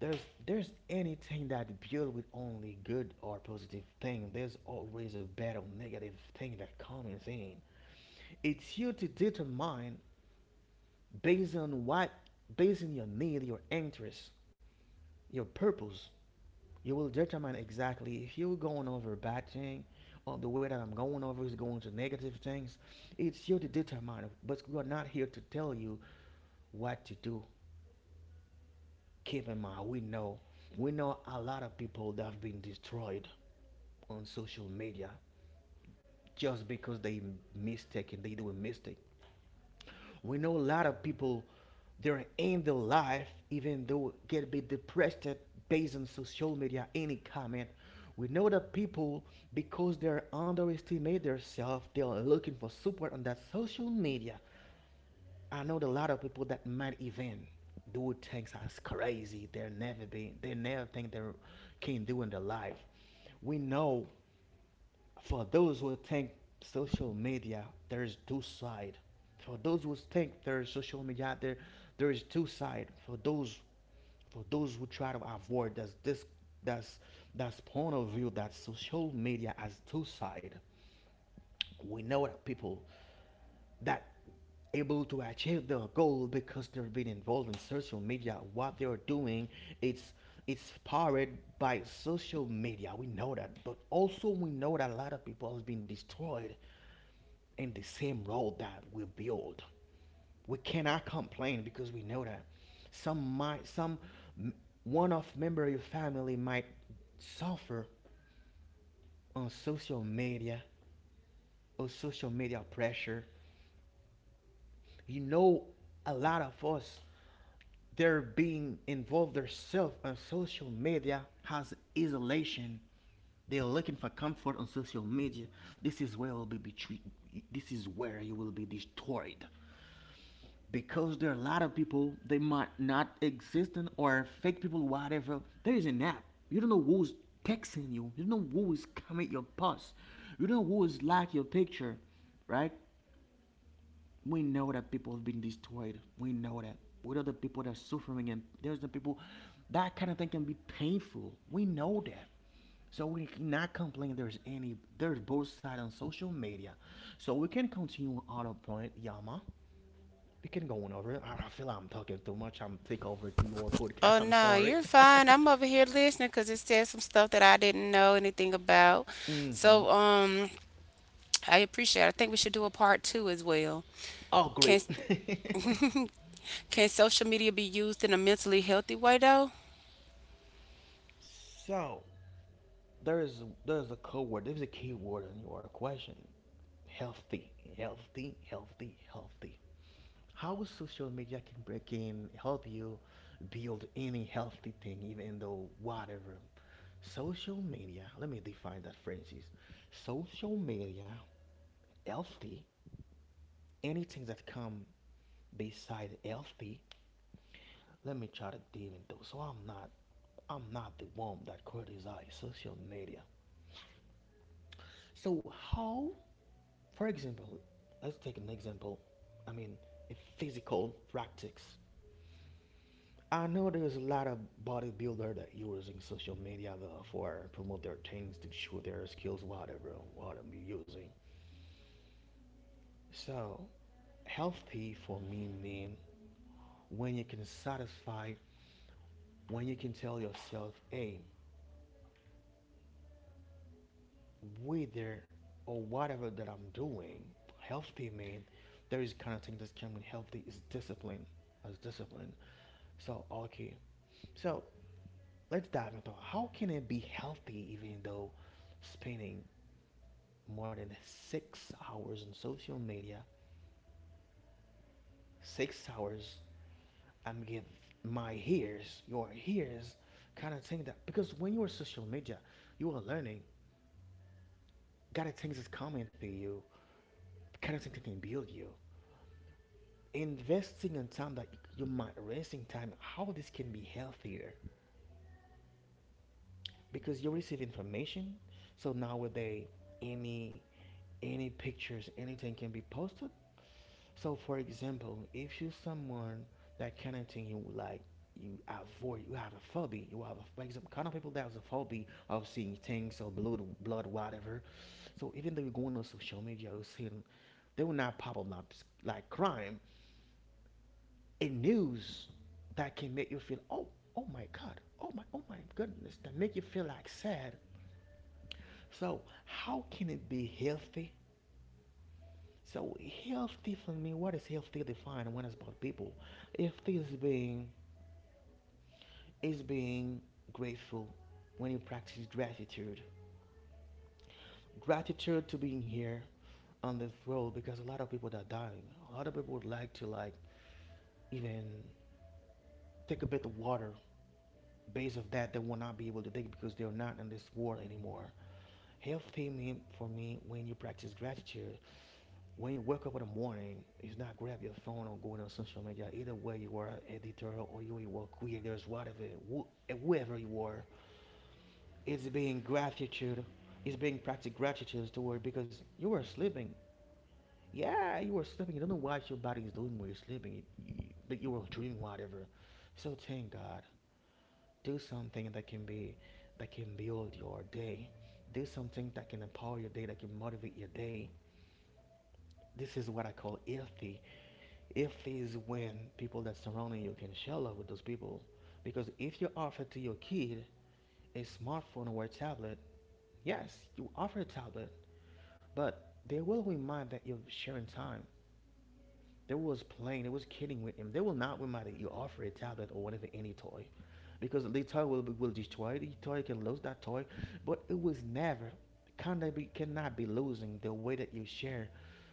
S2: There's there's anything that build with only good or positive thing. There's always a bad or negative thing that comes in. It's you to determine based on what, based on your need, your interest, your purpose. You will determine exactly if you're going over a bad thing or the way that I'm going over is going to negative things. It's you to determine, but we're not here to tell you what to do. Keep in mind, we know, we know a lot of people that have been destroyed on social media just because they mistaken, they do a mistake. We know a lot of people they're in their life, even though get a bit depressed based on social media, any comment. We know that people, because they're underestimate themselves, they are looking for support on that social media. I know a lot of people that might even do things as crazy. They're never being. They never think they can do in their life. We know, for those who think social media, there is two side. For those who think there is social media out there, there is two side. For those for those who try to avoid that's this, that's that's point of view that social media has two side. We know that people that able to achieve their goal because they've been involved in social media what they're doing, it's it's powered by social media, we know that. But also we know that a lot of people have been destroyed in the same road that we build. We cannot complain because we know that some might, some m- one of member of your family might suffer on social media or social media pressure, you know, a lot of us. They're being involved themselves on social media has isolation. They're looking for comfort on social media. This is where will be between, this is where you will be destroyed because there are a lot of people they might not existent or fake people, whatever. There is an app. You don't know who's texting you. You don't know who is comment your post. You don't know who is like your picture, right? We know that people have been destroyed. We know that. We know the people that are suffering, and there's the people that kind of thing can be painful. We know that. So we cannot complain there's any, there's both sides on social media. So we can continue on a point, Yama. We can go on over it. I I feel like I'm talking too much. I'm take over to your podcast.
S1: Oh,
S2: I'm
S1: no,
S2: sorry.
S1: you're fine. I'm over here listening because it said some stuff that I didn't know anything about.
S2: Mm-hmm.
S1: So, um, I appreciate it. I think we should do a part two as well.
S2: Oh great.
S1: Can, can social media be used in a mentally healthy way, though?
S2: So there is, there's a code word, there's a keyword in your question. Healthy, healthy, healthy, healthy. How social media can break in, help you build any healthy thing, even though whatever. Social media, let me define that phrase is social media, healthy, anything that come beside healthy, let me try to deal into. So I'm not I'm not the one that criticize social media. So how, for example, let's take an example. I mean a physical practice, I know there's a lot of bodybuilder that using social media though for promote their things to show their skills, whatever, what I'm using. So healthy for me mean when you can satisfy, when you can tell yourself, hey, whether or whatever that I'm doing, healthy mean there is kind of thing that's coming healthy is discipline, as discipline. So okay, so let's dive into how can it be healthy even though spinning more than six hours on social media, six hours, I'm getting my ears, your ears, kind of think that because when you're social media, you are learning, kind of things is coming to you, kind of things that can build you. Investing in time that you might wasting time, how this can be healthier because you receive information. So nowadays, any any pictures, anything can be posted. So, for example, if you someone that kind of thing you like, you avoid, you have a phobia, you have a, for example, kind of people that has a phobia of seeing things or blood, blood, whatever. So even though you are going on social media, you see them, they will not pop up like, like crime in news that can make you feel, oh, oh my God, oh my, oh my goodness, that make you feel like sad. So how can it be healthy? So healthy for me, what is healthy defined when it's about people? Healthy is being, is being grateful when you practice gratitude. Gratitude to being here on this world because a lot of people that are dying. A lot of people would like to like even take a bit of water. Based of that, they will not be able to take because they're not in this world anymore. Healthy mean for me when you practice gratitude. When you wake up in the morning, it's not grab your phone or going on social media. Either way, you are an editor or you are a creator, whatever, whoever you are. It's being gratitude. It's being practice gratitude toward because you were sleeping. Yeah, you were sleeping. You don't know what your body is doing while you're sleeping. You- you- But you were dreaming whatever. So thank God. Do something that can be that can build your day. Do something that can empower your day, that can motivate your day. This is what I call iffy. Iffy is when people that surrounding you can share love with those people. Because if you offer to your kid a smartphone or a tablet, yes, you offer a tablet, but they will remind that you're sharing time. They was playing, they was kidding with him. They will not remind that you offer a tablet or whatever any toy. Because the toy will be will destroy the toy can lose that toy. But it was never kinda be cannot be losing the way that you share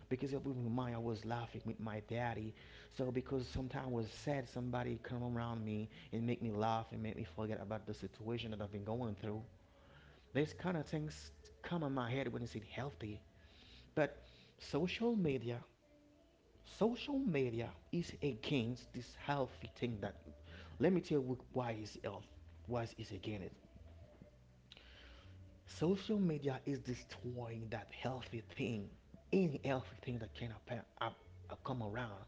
S2: because it will remind I was laughing with my daddy. So because sometimes I was sad somebody come around me and make me laugh and make me forget about the situation that I've been going through. These kind of things come in my head when it's healthy. But social media Social media is against this healthy thing that let me tell you why is health why is against it. Social media is destroying that healthy thing, any healthy thing that can appear, up, uh, come around.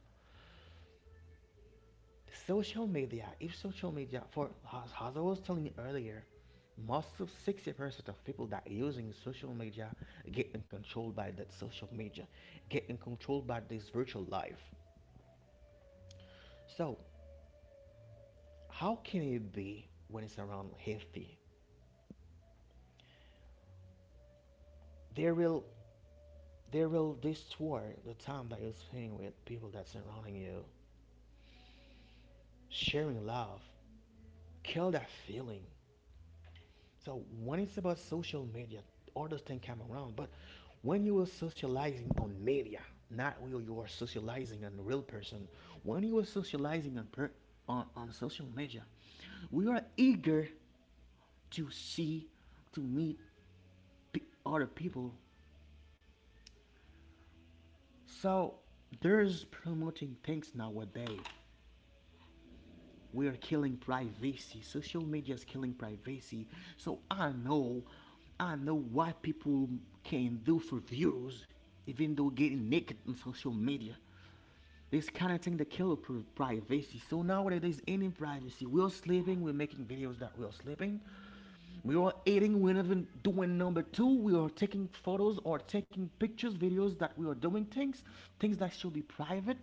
S2: Social media, if social media, for as, as I was telling you earlier, most of sixty percent of people that are using social media getting controlled by that social media, getting controlled by this virtual life. So how can it be when it's around healthy? There will there will distort the time that you're spending with people that's surrounding you, sharing love, kill that feeling. So when it's about social media, all those things come around. But when you were socializing on media, not when you are socializing on the real person, when you were socializing on per, on, on social media, we are eager to see, to meet pe- other people. So there's promoting things nowadays, we are killing privacy. Social media is killing privacy. So I know, I know what people can do for views, even though getting naked on social media. This kind of thing that kill privacy. So nowadays, any privacy. We're sleeping. We're making videos that we're sleeping. We are eating, we're even doing number two. We are taking photos or taking pictures, videos that we are doing things, things that should be private,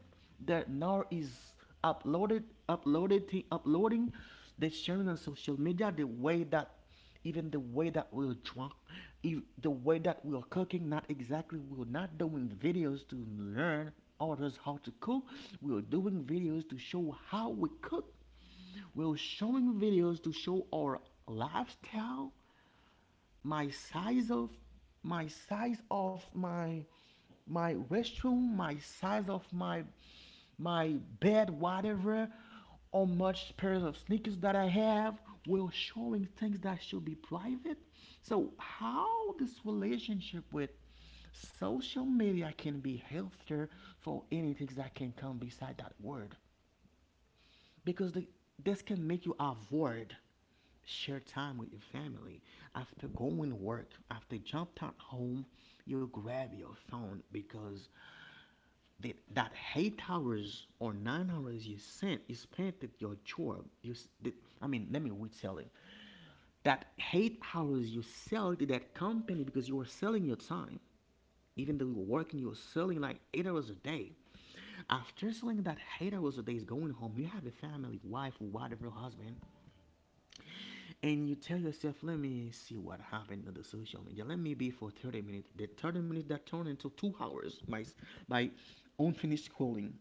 S2: that now is uploaded, uploaded, uploading. They're sharing on social media the way that, even the way that we're drunk, if the way that we are cooking, not exactly, we're not doing videos to learn others how to cook. We're doing videos to show how we cook. We're showing videos to show our lifestyle, my size of my size of my my restroom, my size of my my bed, whatever, how much pairs of sneakers that I have, will showing things that should be private. So how this relationship with social media can be healthier for anything that can come beside that word, because the, this can make you avoid share time with your family. After going to work, after jumped out home, you grab your phone because that, that eight hours or nine hours you spent, you spent, at your job. You, that, I mean, let me resell it. That eight hours you sell to that company because you are selling your time. Even though you were working, you were selling like eight hours a day. After selling that eight hours a day, is going home. You have a family, wife, whatever, husband, and you tell yourself, let me see what happened on the social media. Let me be for thirty minutes. The thirty minutes that turned into two hours by, by unfinished scrolling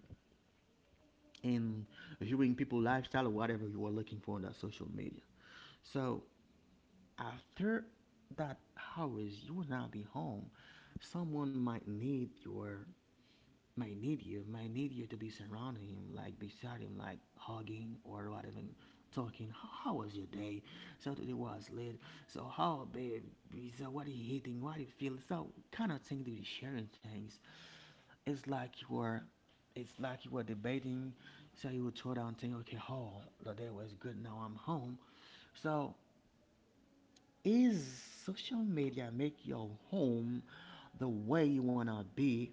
S2: and viewing people lifestyle or whatever you are looking for on that social media. So after that hours, you will not be home. Someone might need your might need you, might need you to be surrounding him, like beside him, like hugging or what, even talking. How, how was your day? So today was late. So how babe? So what are you eating? What do you feel? So kind of thing to be sharing things. It's like you were, it's like you were debating. So you would throw down thing. Okay, oh, the day was good. Now I'm home. So is social media make your home the way you wanna be?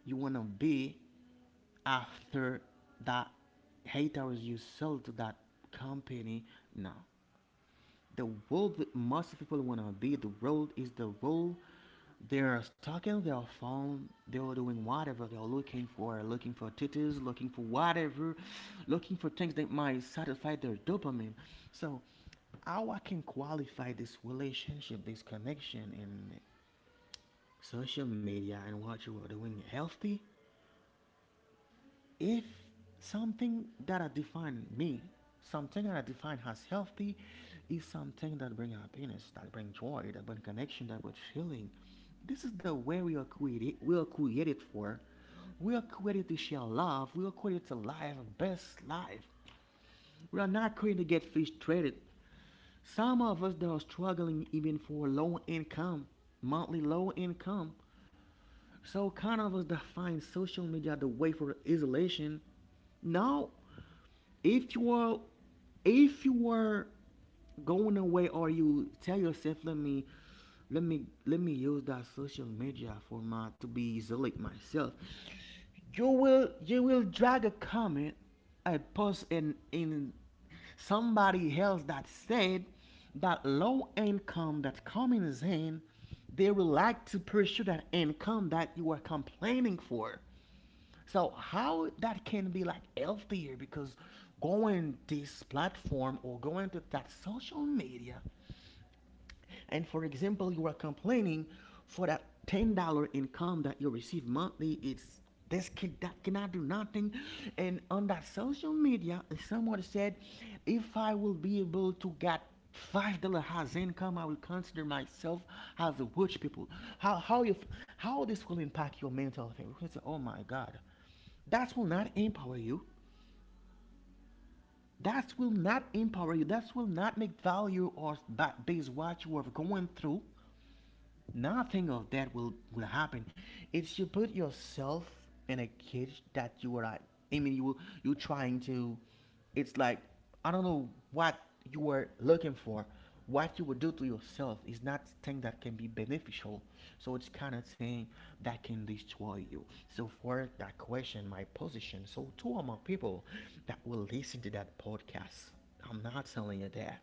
S2: You wanna be after that eight hours you sell to that company, no, the world that most people want to be, the world is the world they're stuck in their phone, they're doing whatever, they're looking for looking for titties, looking for whatever, looking for things that might satisfy their dopamine. So how I can qualify this relationship, this connection in social media and what you are doing healthy? If something that I define me, something that I define as healthy, is something that bring happiness, that bring joy, that bring connection, that bring feeling. This is the way we are created. We are created for. We are created to share love. We are created to live a best life. We are not created to get frustrated. Some of us that are struggling even for low income, monthly low income. So kind of us that find social media the way for isolation. Now, if you are if you were going away or you tell yourself, let me let me let me use that social media for my to be zealot myself, you will you will drag a comment, a post in in somebody else, that said that low income that coming is in, they will like to pursue that income that you are complaining for. So how that can be like healthier? Because going this platform or going to that social media, and for example, you are complaining for that ten dollar income that you receive monthly, it's this kid that cannot do nothing, and on that social media someone said, if I will be able to get five dollar has income, I will consider myself as a rich people. How how you f- how this will impact your mental health? You can say, oh my God, that will not empower you. That will not empower you. That will not make value of that base what you are going through. Nothing of that will will happen if you put yourself in a cage that you are like, I mean, you you trying to, it's like, I don't know what you were looking for. What you would do to yourself is not thing that can be beneficial. So it's kind of thing that can destroy you. So for that question, my position, so two among people that will listen to that podcast, I'm not telling you that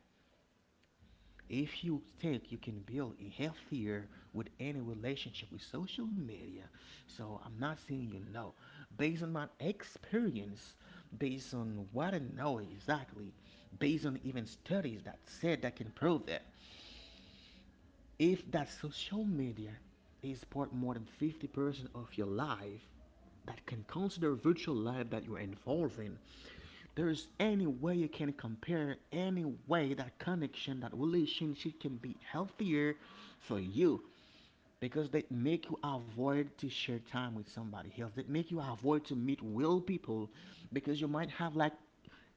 S2: if you think you can build a healthier with any relationship with social media, so I'm not saying you know. Based on my experience, based on what I know exactly, based on even studies that said that can prove that if that social media is part more than fifty percent of your life, that can consider virtual life that you're involved in, there is any way you can compare, any way that connection, that relationship can be healthier for you, because they make you avoid to share time with somebody else, they make you avoid to meet real people, because you might have like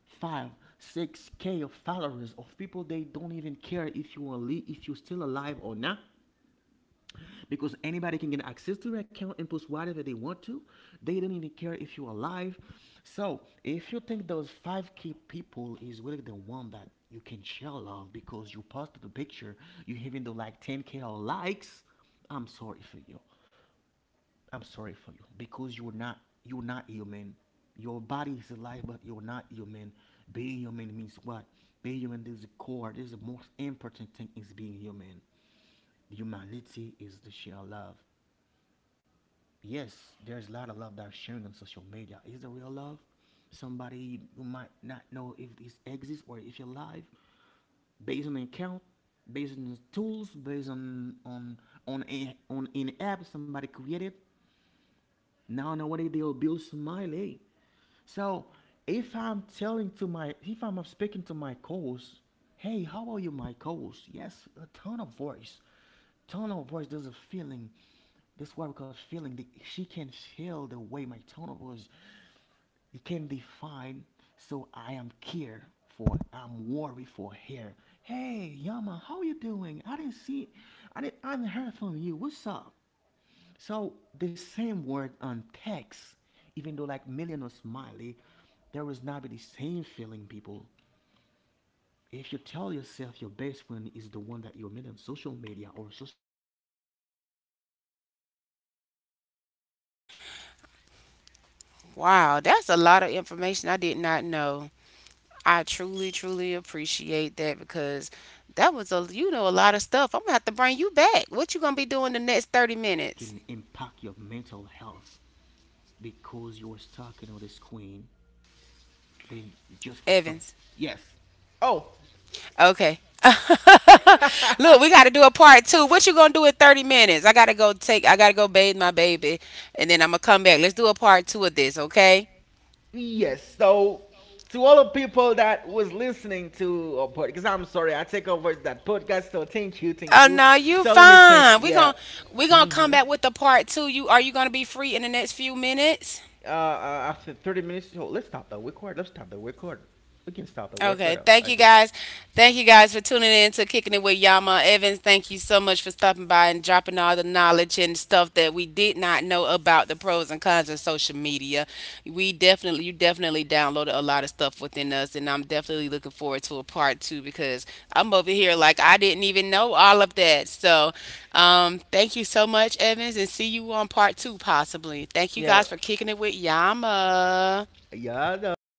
S2: five, six k of followers of people, they don't even care if you are li- if you're still alive or not, because anybody can get access to your account and post whatever they want to. They don't even care if you're alive. So if you think those five key people is really the one that you can share love because you posted a picture, you even though like ten k or likes, I'm sorry for you. I'm sorry for you, because you're not you're not human. Your body is alive, but you're not human. Being human means what? Being human is the core. This is the most important thing, is being human. Humanity is the sheer love. Yes, there's a lot of love that's sharing on social media. Is the real love? Somebody who might not know if this exists or if you're alive, based on account, based on tools, based on on on a, on an app somebody created. Now nowadays they'll build smiley. So if I'm telling to my, if I'm speaking to my coach, hey, how are you, my coach? Yes, a tone of voice, tone of voice. There's a feeling. That's why we call feeling. The, she can feel the way my tone of voice. It can define. So I am care for. I'm worried for her. Hey, Yama, how you doing? I didn't see. I didn't. I haven't heard from you. What's up? So the same word on text, even though like million or smiley, there will not be the same feeling, people. If you tell yourself your best friend is the one that you met on social media, or social media is the one, even though some things are going bad, something you are going through, you need
S1: Wow,
S2: support.
S1: that's a lot
S2: If you
S1: of
S2: seek that
S1: information I did
S2: support,
S1: not know.
S2: that that
S1: I truly, truly
S2: supportive
S1: appreciate that because
S2: relationship through
S1: that
S2: social
S1: was a
S2: media,
S1: you
S2: I'm
S1: know a
S2: sorry
S1: lot of
S2: for you.
S1: stuff. I'm gonna have to
S2: This kind
S1: bring
S2: of
S1: you
S2: thing that will
S1: back. What you
S2: destroy
S1: gonna be
S2: you,
S1: doing the next thirty
S2: right? They
S1: minutes,
S2: can impact your mental health because you're stuck in on this screen. Then just for some,
S1: Evans?
S2: yes. Oh,
S1: Okay.
S2: okay.
S1: Look,
S2: Look,
S1: we got to do a part two. What you gonna do in thirty minutes? I gotta go take. I gotta go bathe my baby, and then I'm gonna come back. Let's do a part two of this, okay?
S2: yes. So, to all the people that was listening to our podcast, I'm sorry, I take over that podcast. So thank you, thank
S1: Oh
S2: you.
S1: no, you
S2: So let me take,
S1: fine. We
S2: yeah.
S1: gonna we gonna come
S2: Mm-hmm.
S1: back with the part two. You are you gonna be free in the next few minutes?
S2: Uh, uh, after thirty minutes, so let's stop the record. Let's stop the record. We can stop the
S1: Okay.
S2: record. uh,
S1: Thank you
S2: Okay.
S1: guys. Thank you guys for tuning in to Kicking It with Yama Evans. Thank you so much for stopping by and dropping all the knowledge and stuff that we did not know about the pros and cons of social media. We definitely, you definitely downloaded a lot of stuff within us, and I'm definitely looking forward to a part two because I'm over here like I didn't even know all of that. So, um, thank you so much, Evans, and see you on part two possibly. Thank you
S2: Yeah.
S1: guys for kicking it with Yama.
S2: Yeah. No,